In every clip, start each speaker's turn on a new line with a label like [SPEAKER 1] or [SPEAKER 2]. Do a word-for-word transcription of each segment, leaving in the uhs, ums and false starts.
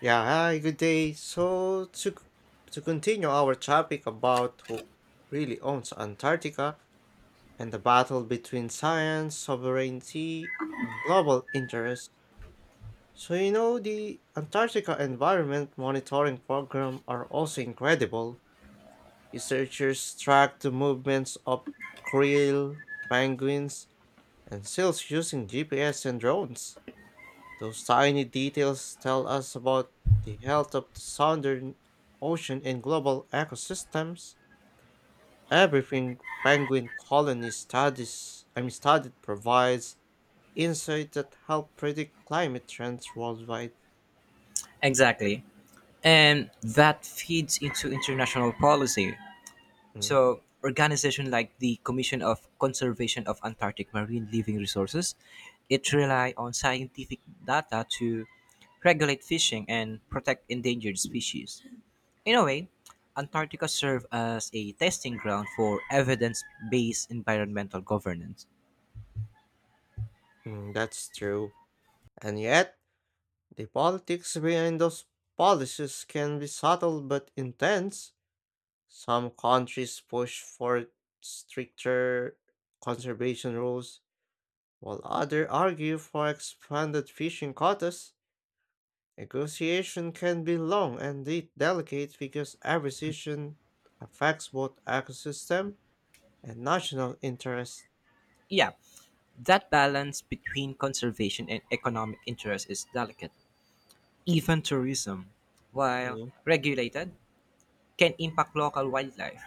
[SPEAKER 1] Yeah, hi, good day. So to c- to continue our topic about who really owns Antarctica and the battle between science, sovereignty, and global interest. So you know the Antarctica Environment Monitoring Program are also incredible. Researchers track the movements of krill, penguins, and seals using G P S and drones. Those tiny details tell us about the health of the southern ocean and global ecosystems. Every peng- penguin colony studies, I mean, studied provides insight that help predict climate trends worldwide.
[SPEAKER 2] Exactly. And that feeds into international policy.
[SPEAKER 1] Mm,
[SPEAKER 2] So, organization like the Commission of Conservation of Antarctic Marine Living Resources, it rely on scientific data to regulate fishing and protect endangered species. In a way, Antarctica serves as a testing ground for evidence-based environmental governance.
[SPEAKER 1] mm, that's true. And yet, the politics behind those policies can be subtle but intense. Some countries push for stricter conservation rules. While others argue for expanded fishing quotas, negotiation can be long and de- delicate because every decision affects both ecosystem and national interests.
[SPEAKER 2] Yeah, that balance between conservation and economic interest is delicate. Even tourism, while
[SPEAKER 1] Mm.
[SPEAKER 2] regulated, can impact local wildlife.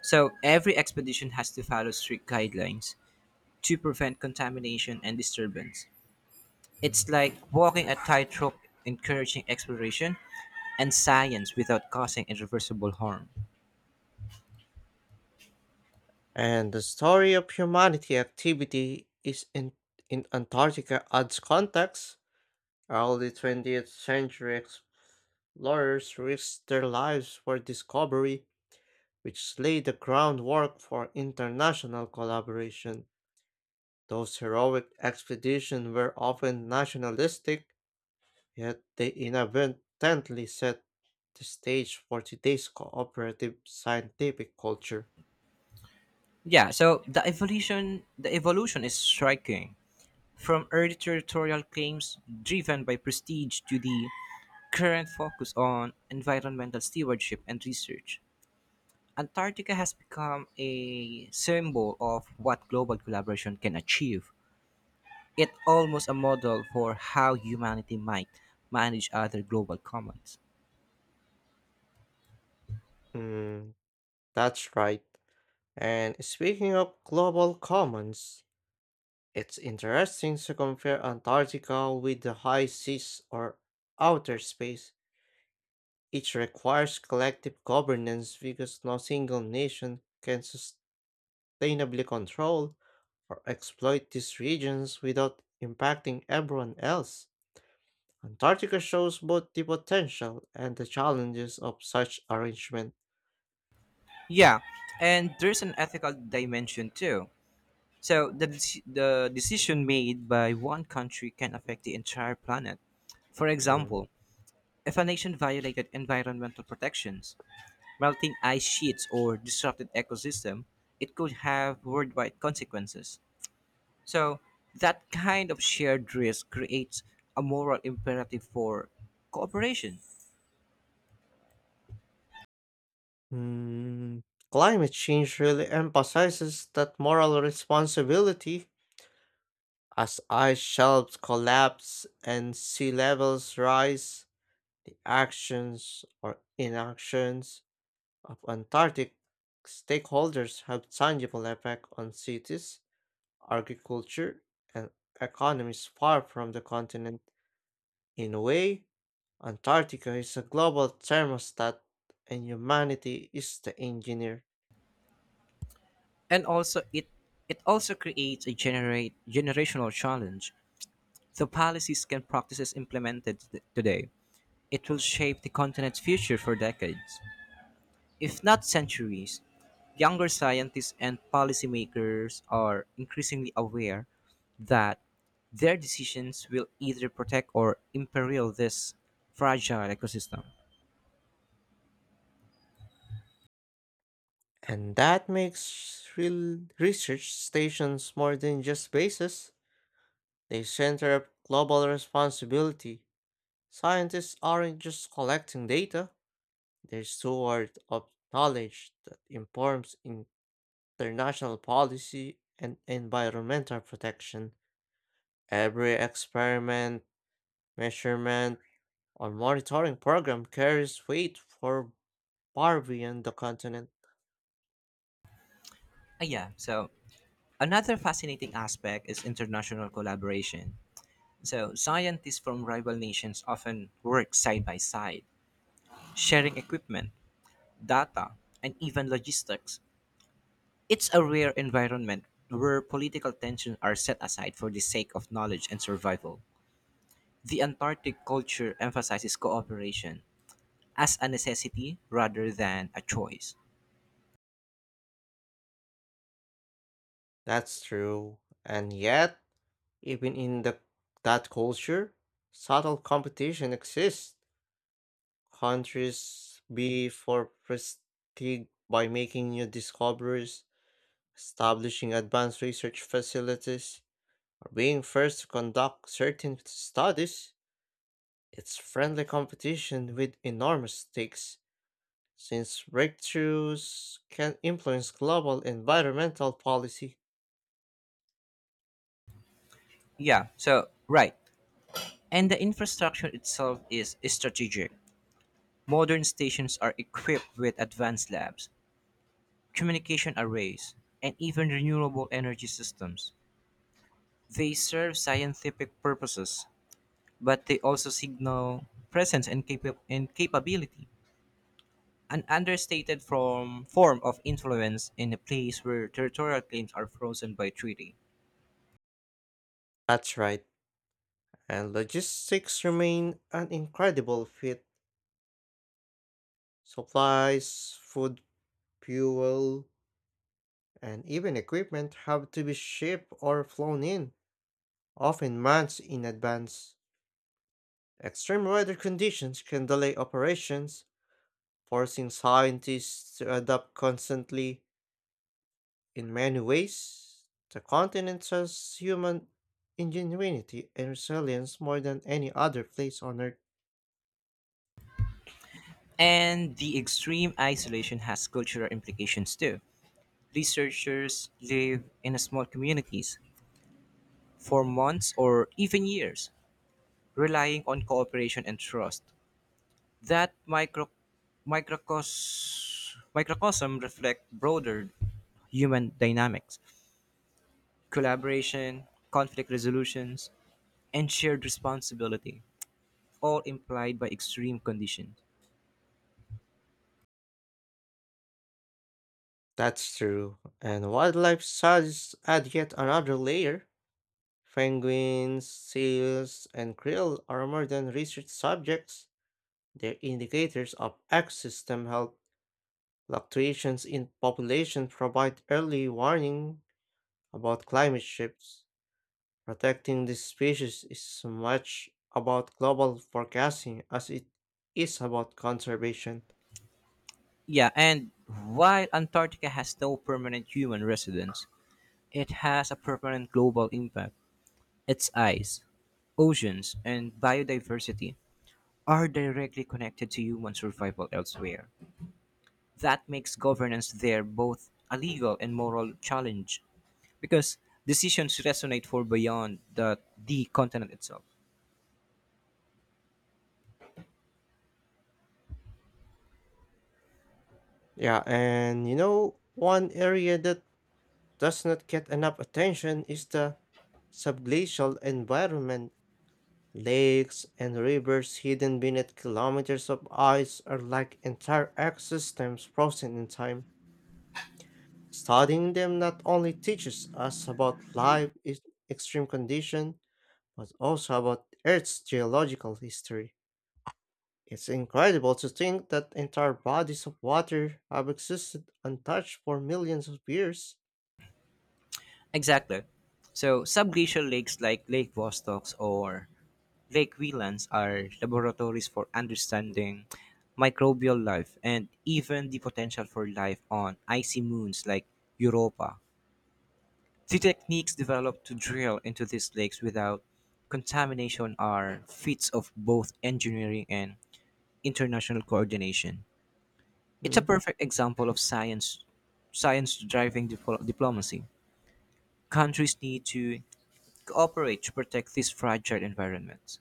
[SPEAKER 2] So every expedition has to follow strict guidelines to prevent contamination and disturbance. It's like walking a tightrope encouraging exploration and science without causing irreversible harm.
[SPEAKER 1] And the story of humanity activity is in, in Antarctica adds context. Early twentieth century explorers risked their lives for discovery, which laid the groundwork for international collaboration. Those heroic expeditions were often nationalistic, yet they inadvertently set the stage for today's cooperative scientific culture.
[SPEAKER 2] Yeah, so the evolution the evolution is striking. From early territorial claims driven by prestige to the current focus on environmental stewardship and research. Antarctica has become a symbol of what global collaboration can achieve. It's almost a model for how humanity might manage other global commons.
[SPEAKER 1] Mm, that's right. And speaking of global commons, it's interesting to compare Antarctica with the high seas or outer space. It requires collective governance because no single nation can sustainably control or exploit these regions without impacting everyone else. Antarctica shows both the potential and the challenges of such arrangement.
[SPEAKER 2] Yeah, and there's an ethical dimension too. So the deci- the decision made by one country can affect the entire planet. For
[SPEAKER 1] Mm.
[SPEAKER 2] example, if a nation violated environmental protections, melting ice sheets or disrupted ecosystem, it could have worldwide consequences. So that kind of shared risk creates a moral imperative for cooperation.
[SPEAKER 1] Mm, Climate change really emphasizes that moral responsibility. As ice shelves collapse and sea levels rise, the actions or inactions of Antarctic stakeholders have tangible effect on cities, agriculture, and economies far from the continent. In a way, Antarctica is a global thermostat and humanity is the engineer.
[SPEAKER 2] And also it it also creates a generate generational challenge. The policies and practices implemented th- today, it will shape the continent's future for decades, if not centuries. Younger scientists and policymakers are increasingly aware that their decisions will either protect or imperil this fragile ecosystem.
[SPEAKER 1] And that makes real research stations more than just bases. They center a global responsibility. Scientists aren't just collecting data, they're stewards of knowledge that informs in international policy, and environmental protection. Every experiment, measurement, or monitoring program carries weight for far beyond the continent.
[SPEAKER 2] Uh, yeah, so another fascinating aspect is international collaboration. So scientists from rival nations often work side by side, sharing equipment, data, and even logistics. It's a rare environment where political tensions are set aside for the sake of knowledge and survival. The Antarctic culture emphasizes cooperation as a necessity rather than a choice.
[SPEAKER 1] That's true. And yet, even in the, that culture, subtle competition exists. Countries vie for prestige by making new discoveries, establishing advanced research facilities, or being first to conduct certain studies. It's friendly competition with enormous stakes, since breakthroughs can influence global environmental policy.
[SPEAKER 2] Yeah, so right. And the infrastructure itself is strategic. Modern stations are equipped with advanced labs, communication arrays, and even renewable energy systems. They serve scientific purposes, but they also signal presence and, capa- and capability, an understated form, form of influence in a place where territorial claims are frozen by treaty.
[SPEAKER 1] That's right. And logistics remain an incredible feat. Supplies, food, fuel, and even equipment have to be shipped or flown in, often months in advance. Extreme weather conditions can delay operations, forcing scientists to adapt constantly. In many ways, the continent shows human ingenuity and resilience more than any other place on Earth.
[SPEAKER 2] And the extreme isolation has cultural implications too. Researchers live in small communities for months or even years, relying on cooperation and trust. That micro, microcos, microcosm reflect broader human dynamics, collaboration, conflict resolutions, and shared responsibility, all implied by extreme conditions.
[SPEAKER 1] That's true. And wildlife studies add yet another layer. Penguins, seals, and krill are more than research subjects. They're indicators of ecosystem health. Fluctuations in population provide early warning about climate shifts. Protecting this species is so much about global forecasting as it is about conservation.
[SPEAKER 2] Yeah, and while Antarctica has no permanent human residence, it has a permanent global impact. Its ice, oceans, and biodiversity are directly connected to human survival elsewhere. That makes governance there both a legal and moral challenge because decisions resonate for beyond the, the continent itself.
[SPEAKER 1] Yeah, and you know, one area that does not get enough attention is the subglacial environment. Lakes and rivers hidden beneath kilometers of ice are like entire ecosystems frozen in time. Studying them not only teaches us about life in extreme conditions, but also about Earth's geological history. It's incredible to think that entire bodies of water have existed untouched for millions of years.
[SPEAKER 2] Exactly. So, subglacial lakes like Lake Vostok's or Lake Whelans are laboratories for understanding microbial life and even the potential for life on icy moons like Europa. The techniques developed to drill into these lakes without contamination are feats of both engineering and international coordination. It's a
[SPEAKER 1] Mm,
[SPEAKER 2] perfect example of science science driving dipl- diplomacy. Countries need to cooperate to protect these fragile environments.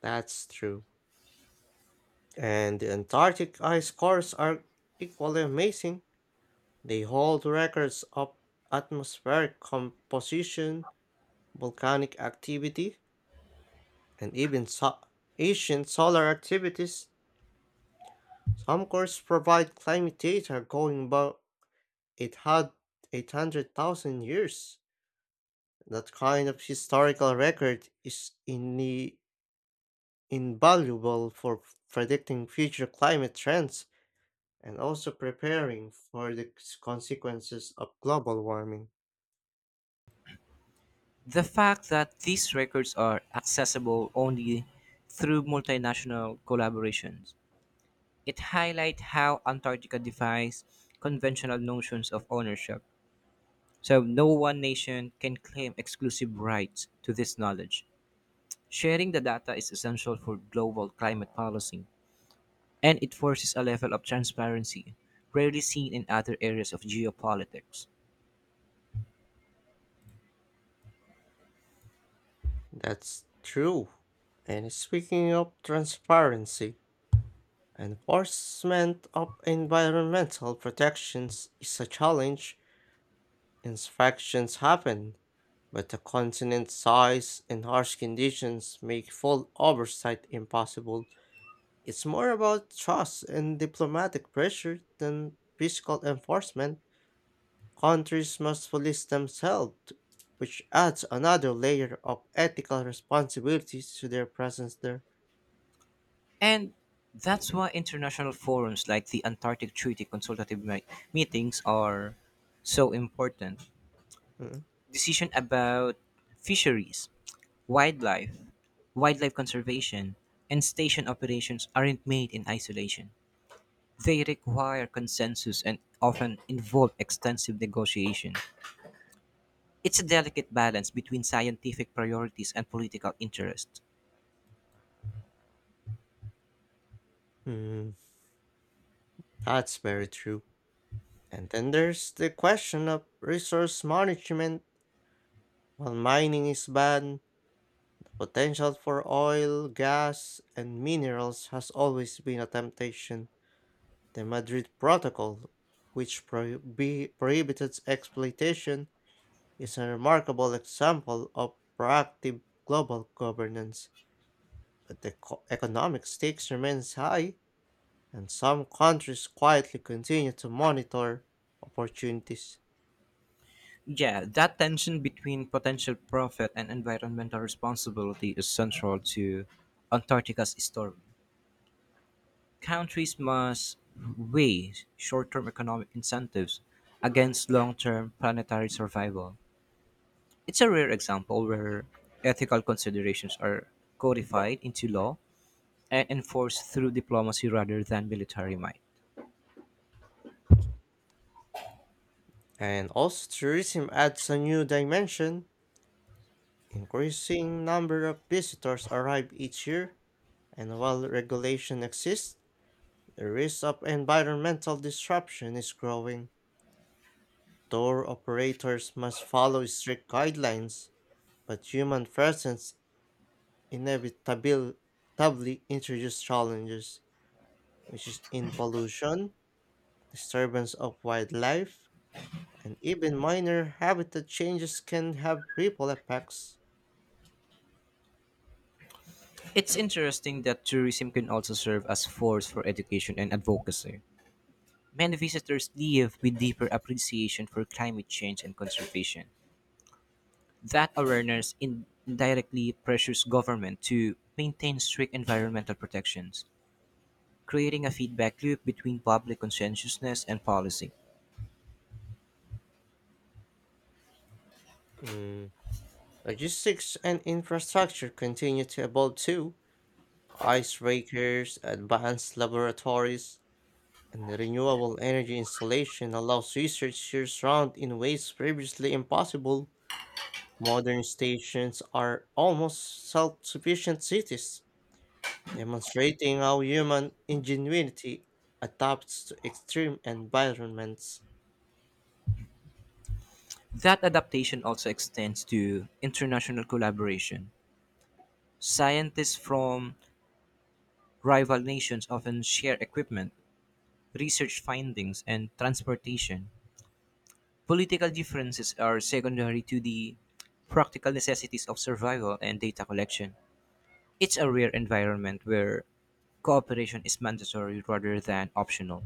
[SPEAKER 1] that's true. And the Antarctic ice cores are equally amazing. They hold records of atmospheric composition, volcanic activity, and even so- ancient solar activities. Some cores provide climate data going back. It had eight hundred thousand years. That kind of historical record is in invaluable for predicting future climate trends and also preparing for the c- consequences of global warming.
[SPEAKER 2] The fact that these records are accessible only through multinational collaborations, it highlights how Antarctica defies conventional notions of ownership. So no one nation can claim exclusive rights to this knowledge. Sharing the data is essential for global climate policy. And it forces a level of transparency rarely seen in other areas of geopolitics.
[SPEAKER 1] That's true. And speaking of transparency, enforcement of environmental protections is a challenge. Inspections happen, but the continent's size and harsh conditions make full oversight impossible. It's more about trust and diplomatic pressure than physical enforcement. Countries must police themselves, which adds another layer of ethical responsibility to their presence there.
[SPEAKER 2] And that's why international forums like the Antarctic Treaty Consultative me- Meetings are so important.
[SPEAKER 1] Mm.
[SPEAKER 2] Decision about fisheries, wildlife, wildlife conservation, and station operations aren't made in isolation. They require consensus and often involve extensive negotiation. It's a delicate balance between scientific priorities and political interests.
[SPEAKER 1] Hmm, that's very true. And then there's the question of resource management. While mining is banned, potential for oil, gas, and minerals has always been a temptation. The Madrid Protocol, which prohibi- prohibited exploitation, is a remarkable example of proactive global governance. But the co- economic stakes remains high, and some countries quietly continue to monitor opportunities.
[SPEAKER 2] Yeah, that tension between potential profit and environmental responsibility is central to Antarctica's story. Countries must weigh short term economic incentives against long term planetary survival. It's a rare example where ethical considerations are codified into law and enforced through diplomacy rather than military might.
[SPEAKER 1] And also tourism adds a new dimension. Increasing number of visitors arrive each year, and while regulation exists, the risk of environmental disruption is growing. Tour operators must follow strict guidelines, but human presence inevitably introduces challenges, which is in pollution, disturbance of wildlife, and even minor habitat changes can have ripple effects.
[SPEAKER 2] It's interesting that tourism can also serve as force for education and advocacy. Many visitors leave with deeper appreciation for climate change and conservation. That awareness indirectly pressures government to maintain strict environmental protections, creating a feedback loop between public conscientiousness and policy.
[SPEAKER 1] Mm, Logistics and infrastructure continue to evolve too. Icebreakers, advanced laboratories, and renewable energy installation allows researchers round in ways previously impossible. Modern stations are almost self-sufficient cities demonstrating how human ingenuity adapts to extreme environments.
[SPEAKER 2] That adaptation also extends to international collaboration. Scientists from rival nations often share equipment, research findings, and transportation. Political differences are secondary to the practical necessities of survival and data collection. It's a rare environment where cooperation is mandatory rather than optional.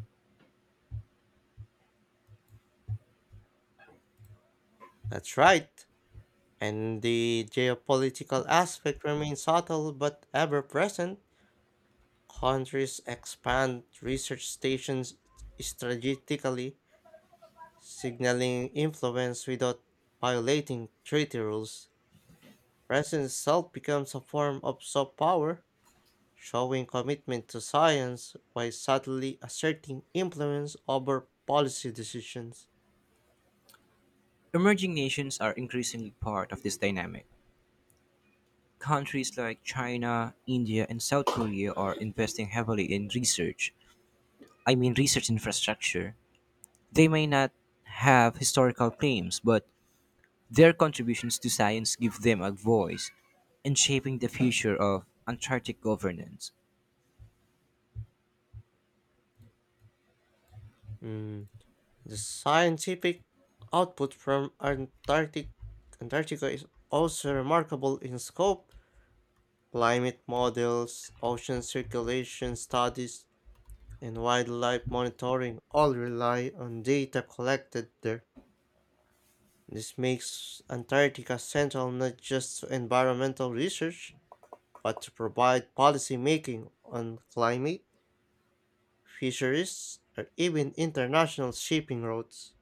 [SPEAKER 1] That's right, and the geopolitical aspect remains subtle but ever present. Countries expand research stations strategically, signaling influence without violating treaty rules. Presence itself becomes a form of soft power, showing commitment to science while subtly asserting influence over policy decisions.
[SPEAKER 2] Emerging nations are increasingly part of this dynamic. Countries like China, India, and South Korea are investing heavily in research. I mean, research infrastructure. They may not have historical claims, but their contributions to science give them a voice in shaping the future of Antarctic governance.
[SPEAKER 1] Mm, The scientific output from Antarctic, Antarctica is also remarkable in scope. Climate models, ocean circulation studies, and wildlife monitoring all rely on data collected there. This makes Antarctica central not just to environmental research but to provide policy making on climate, fisheries, or even international shipping routes.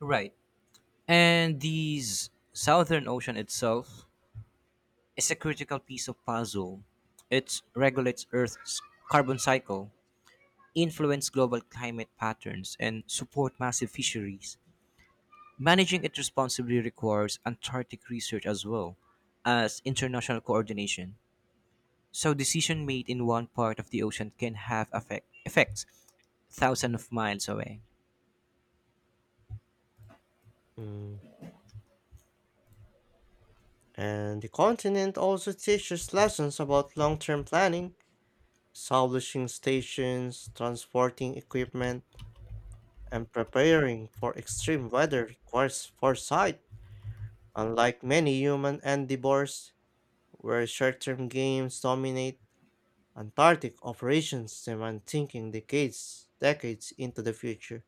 [SPEAKER 2] Right. And these Southern Ocean itself is a critical piece of puzzle. It regulates Earth's carbon cycle, influence global climate patterns, and support massive fisheries. Managing it responsibly requires Antarctic research as well as international coordination. So decision made in one part of the ocean can have affect, effects thousands of miles away.
[SPEAKER 1] Mm, And the continent also teaches lessons about long term planning, establishing stations, transporting equipment, and preparing for extreme weather requires foresight. Unlike many human endeavors, where short term gains dominate, Antarctic operations demand thinking decades, decades into the future.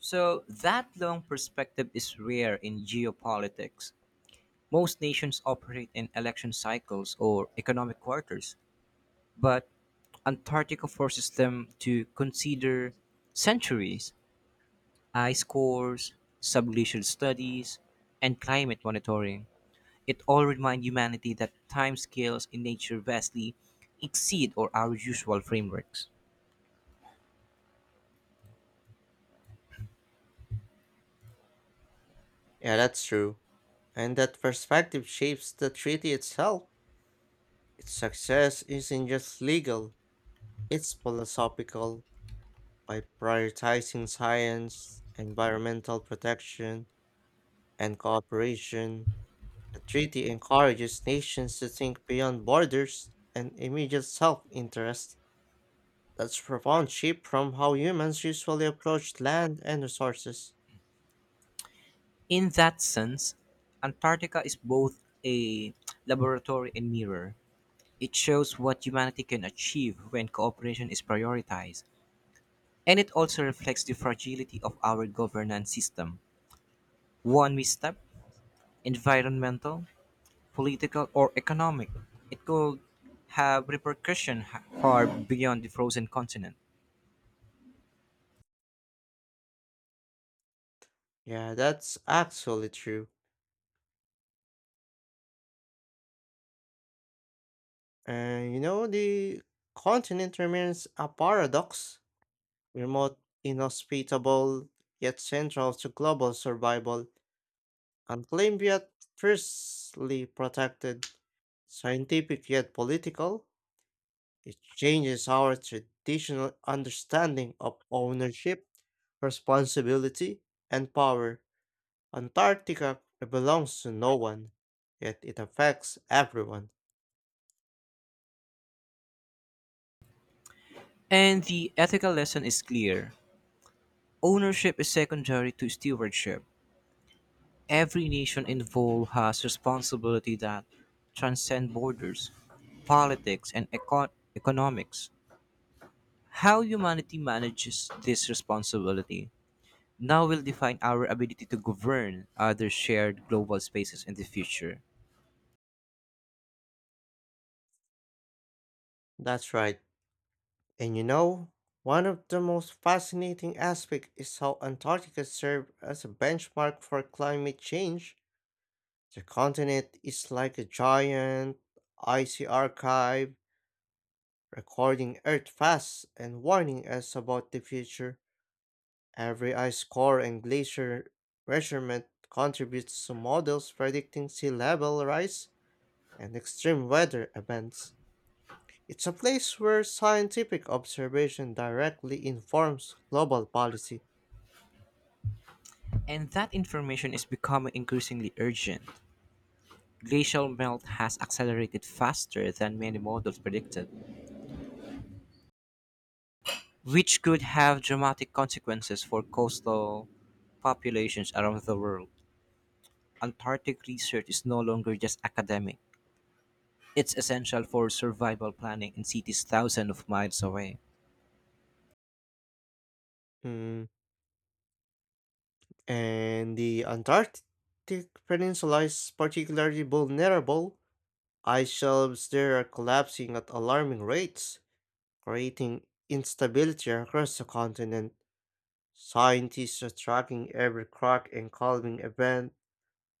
[SPEAKER 2] So that long perspective is rare in geopolitics. Most nations operate in election cycles or economic quarters, but Antarctica forces them to consider centuries, ice cores, subglacial studies, and climate monitoring. It all reminds humanity that timescales in nature vastly exceed or our usual frameworks.
[SPEAKER 1] Yeah, that's true. And that perspective shapes the treaty itself. Its success isn't just legal, it's philosophical. By prioritizing science, environmental protection, and cooperation, the treaty encourages nations to think beyond borders and immediate self interest. That's profound shift from how humans usually approach land and resources.
[SPEAKER 2] In that sense, Antarctica is both a laboratory and mirror. It shows what humanity can achieve when cooperation is prioritized, and it also reflects the fragility of our governance system. One misstep, environmental, political, or economic, it could have repercussions far beyond the frozen continent.
[SPEAKER 1] Yeah, that's actually true. And you know, the continent remains a paradox, remote, inhospitable, yet central to global survival, unclaimed yet fiercely protected, scientific yet political. It changes our traditional understanding of ownership, responsibility, and power. Antarctica belongs to no one, yet it affects everyone.
[SPEAKER 2] And the ethical lesson is clear. Ownership is secondary to stewardship. Every nation involved has responsibility that transcend borders, politics, and eco- economics. How humanity manages this responsibility now will define our ability to govern other shared global spaces in the future.
[SPEAKER 1] That's right. And you know, one of the most fascinating aspects is how Antarctica served as a benchmark for climate change. The continent is like a giant icy archive, recording Earth fast and warning us about the future. Every ice core and glacier measurement contributes to models predicting sea level rise and extreme weather events. It's a place where scientific observation directly informs global policy.
[SPEAKER 2] And that information is becoming increasingly urgent. Glacial melt has accelerated faster than many models predicted, which could have dramatic consequences for coastal populations around the world. Antarctic research is no longer just academic, it's essential for survival planning in cities thousands of miles away.
[SPEAKER 1] Hmm, And the Antarctic Peninsula is particularly vulnerable. Ice shelves there are collapsing at alarming rates, creating instability across the continent. Scientists are tracking every crack and calming event,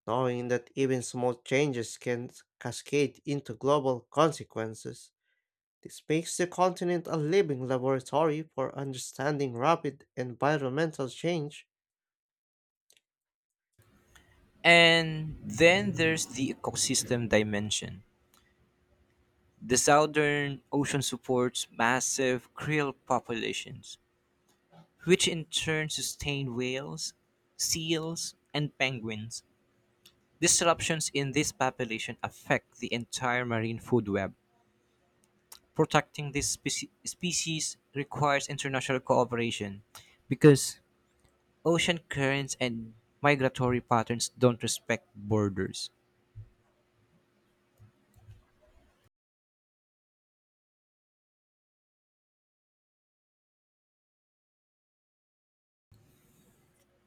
[SPEAKER 1] knowing that even small changes can cascade into global consequences. This makes the continent a living laboratory for understanding rapid environmental change.
[SPEAKER 2] And then there's the ecosystem dimension. The southern ocean supports massive krill populations, which in turn sustain whales, seals, and penguins. Disruptions in this population affect the entire marine food web. Protecting this speci- species requires international cooperation because ocean currents and migratory patterns don't respect borders.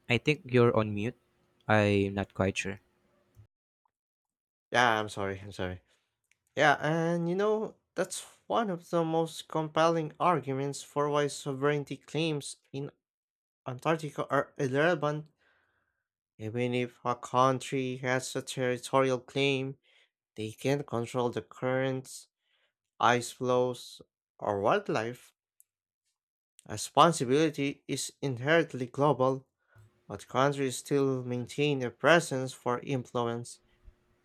[SPEAKER 2] I think you're on mute. I'm not quite sure.
[SPEAKER 1] Yeah, I'm sorry, I'm sorry. Yeah, and you know, that's one of the most compelling arguments for why sovereignty claims in Antarctica are irrelevant. Even if a country has a territorial claim, they can't control the currents, ice flows, or wildlife. Responsibility is inherently global, but countries still maintain a presence for influence,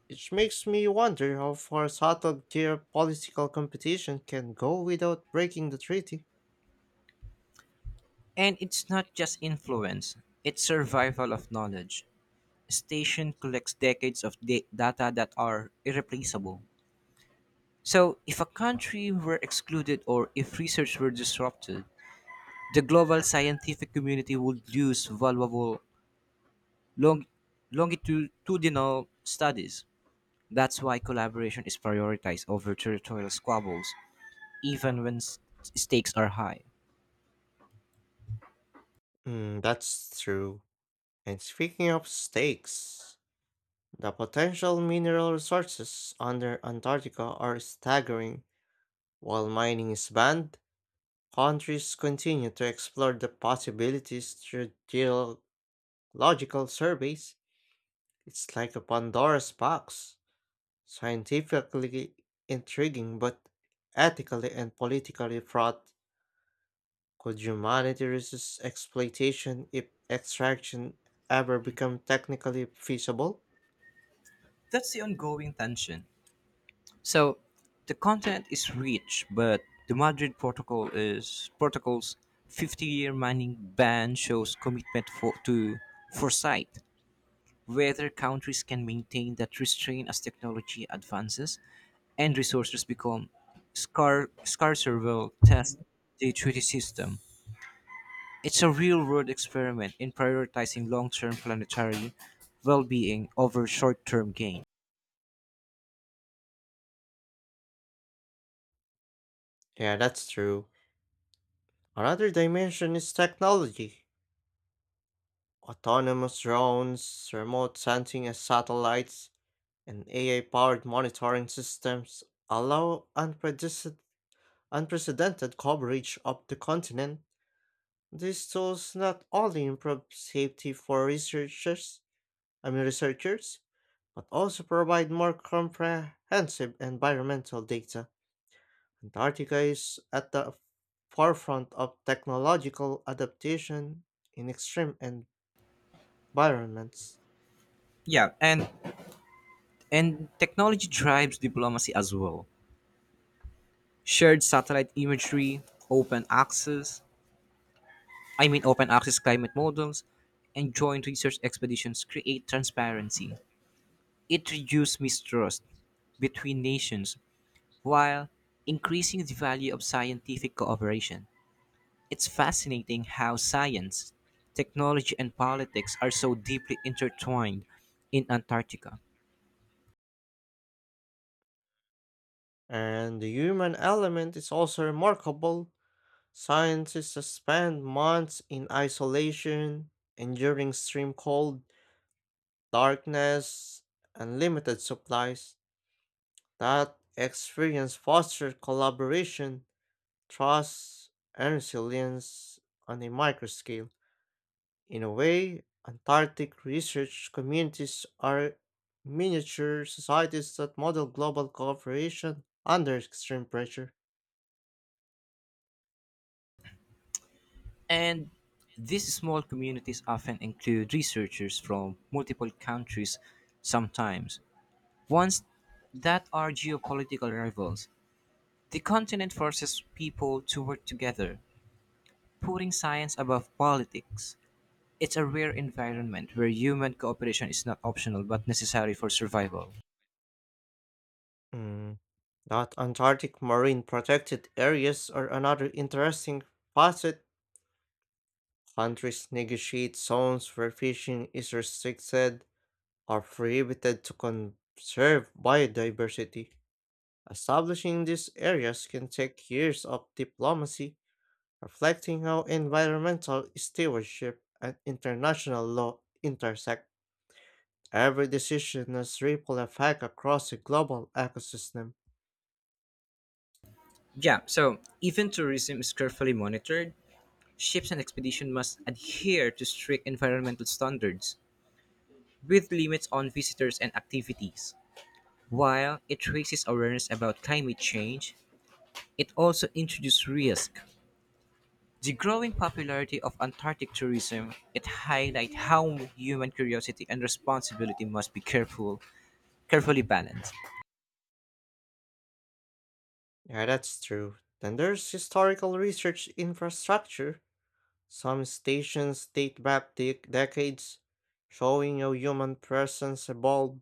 [SPEAKER 1] which makes me wonder how far subtle geopolitical competition can go without breaking the treaty.
[SPEAKER 2] And it's not just influence, it's survival of knowledge. Station collects decades of da- data that are irreplaceable. So, if a country were excluded or if research were disrupted, the global scientific community would lose valuable long, longitudinal studies. That's why collaboration is prioritized over territorial squabbles, even when s- stakes are high.
[SPEAKER 1] Mm, that's true. And speaking of stakes, the potential mineral resources under Antarctica are staggering. While mining is banned, countries continue to explore the possibilities through geological surveys. It's like a Pandora's box, scientifically intriguing but ethically and politically fraught. Could humanity resist exploitation if extraction ever become technically feasible?
[SPEAKER 2] That's the ongoing tension. So, the content is rich, but the Madrid Protocol is protocol's fifty-year mining ban shows commitment for, to foresight. Whether countries can maintain that restraint as technology advances and resources become scar- scarcer will test the treaty system. It's a real world experiment in prioritizing long term planetary well being over short term gain.
[SPEAKER 1] Yeah, that's true. Another dimension is technology. Autonomous drones, remote sensing as satellites, and A I powered monitoring systems allow unprecedented, unprecedented coverage of the continent. These tools not only improve safety for researchers, I mean researchers, but also provide more comprehensive environmental data. Antarctica is at the forefront of technological adaptation in extreme environments.
[SPEAKER 2] Yeah, and and technology drives diplomacy as well. Shared satellite imagery, open access, I mean open access, climate models, and joint research expeditions create transparency. It reduces mistrust between nations while increasing the value of scientific cooperation. It's fascinating how science, technology, and politics are so deeply intertwined in Antarctica.
[SPEAKER 1] And the human element is also remarkable. Scientists spend months in isolation, enduring extreme cold, darkness, and limited supplies. That experience fosters collaboration, trust, and resilience on a micro scale. In a way, Antarctic research communities are miniature societies that model global cooperation under extreme pressure.
[SPEAKER 2] And these small communities often include researchers from multiple countries, sometimes ones that are geopolitical rivals. The continent forces people to work together, putting science above politics. It's a rare environment where human cooperation is not optional but necessary for survival.
[SPEAKER 1] Mm, That Antarctic marine protected areas are another interesting facet. Countries negotiate zones where fishing is restricted or prohibited to conserve biodiversity. Establishing these areas can take years of diplomacy, reflecting how environmental stewardship and international law intersect. Every decision has ripple effect across the global ecosystem.
[SPEAKER 2] Yeah, so even tourism is carefully monitored. Ships and expedition must adhere to strict environmental standards with limits on visitors and activities. While it raises awareness about climate change, it also introduces risk. The growing popularity of Antarctic tourism, it highlights how human curiosity and responsibility must be careful, carefully balanced.
[SPEAKER 1] Yeah, that's true. Then there's historical research infrastructure. Some stations date back dec decades, showing how human presence evolved.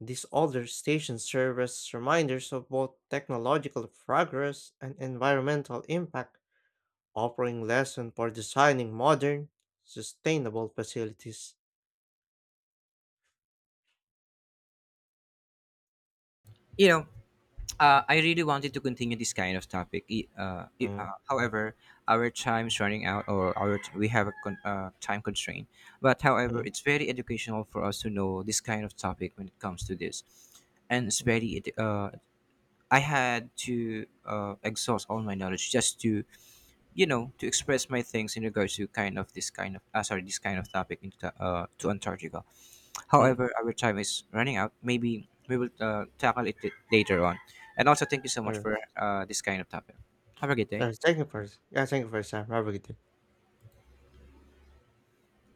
[SPEAKER 1] These older stations serve as reminders of both technological progress and environmental impact, offering lessons for designing modern, sustainable facilities.
[SPEAKER 2] you know uh, I really wanted to continue this kind of topic. I- uh, i-
[SPEAKER 1] Mm,
[SPEAKER 2] uh, however, our time's running out, or our t- we have a con- uh, time constraint, but however
[SPEAKER 1] mm,
[SPEAKER 2] it's very educational for us to know this kind of topic when it comes to this. And it's
[SPEAKER 1] mm,
[SPEAKER 2] very edu- uh, I had to uh, exhaust all my knowledge just to you know to express my things in regards to kind of this kind of uh, sorry this kind of topic into, uh, to antarctica.
[SPEAKER 1] mm.
[SPEAKER 2] However, our time is running out. Maybe we will uh, tackle it later on. And also, thank you so much
[SPEAKER 1] Yeah,
[SPEAKER 2] for uh, this kind of topic. Have a good day.
[SPEAKER 1] Yeah, thank you for yeah, thank you for your time. Have a good day.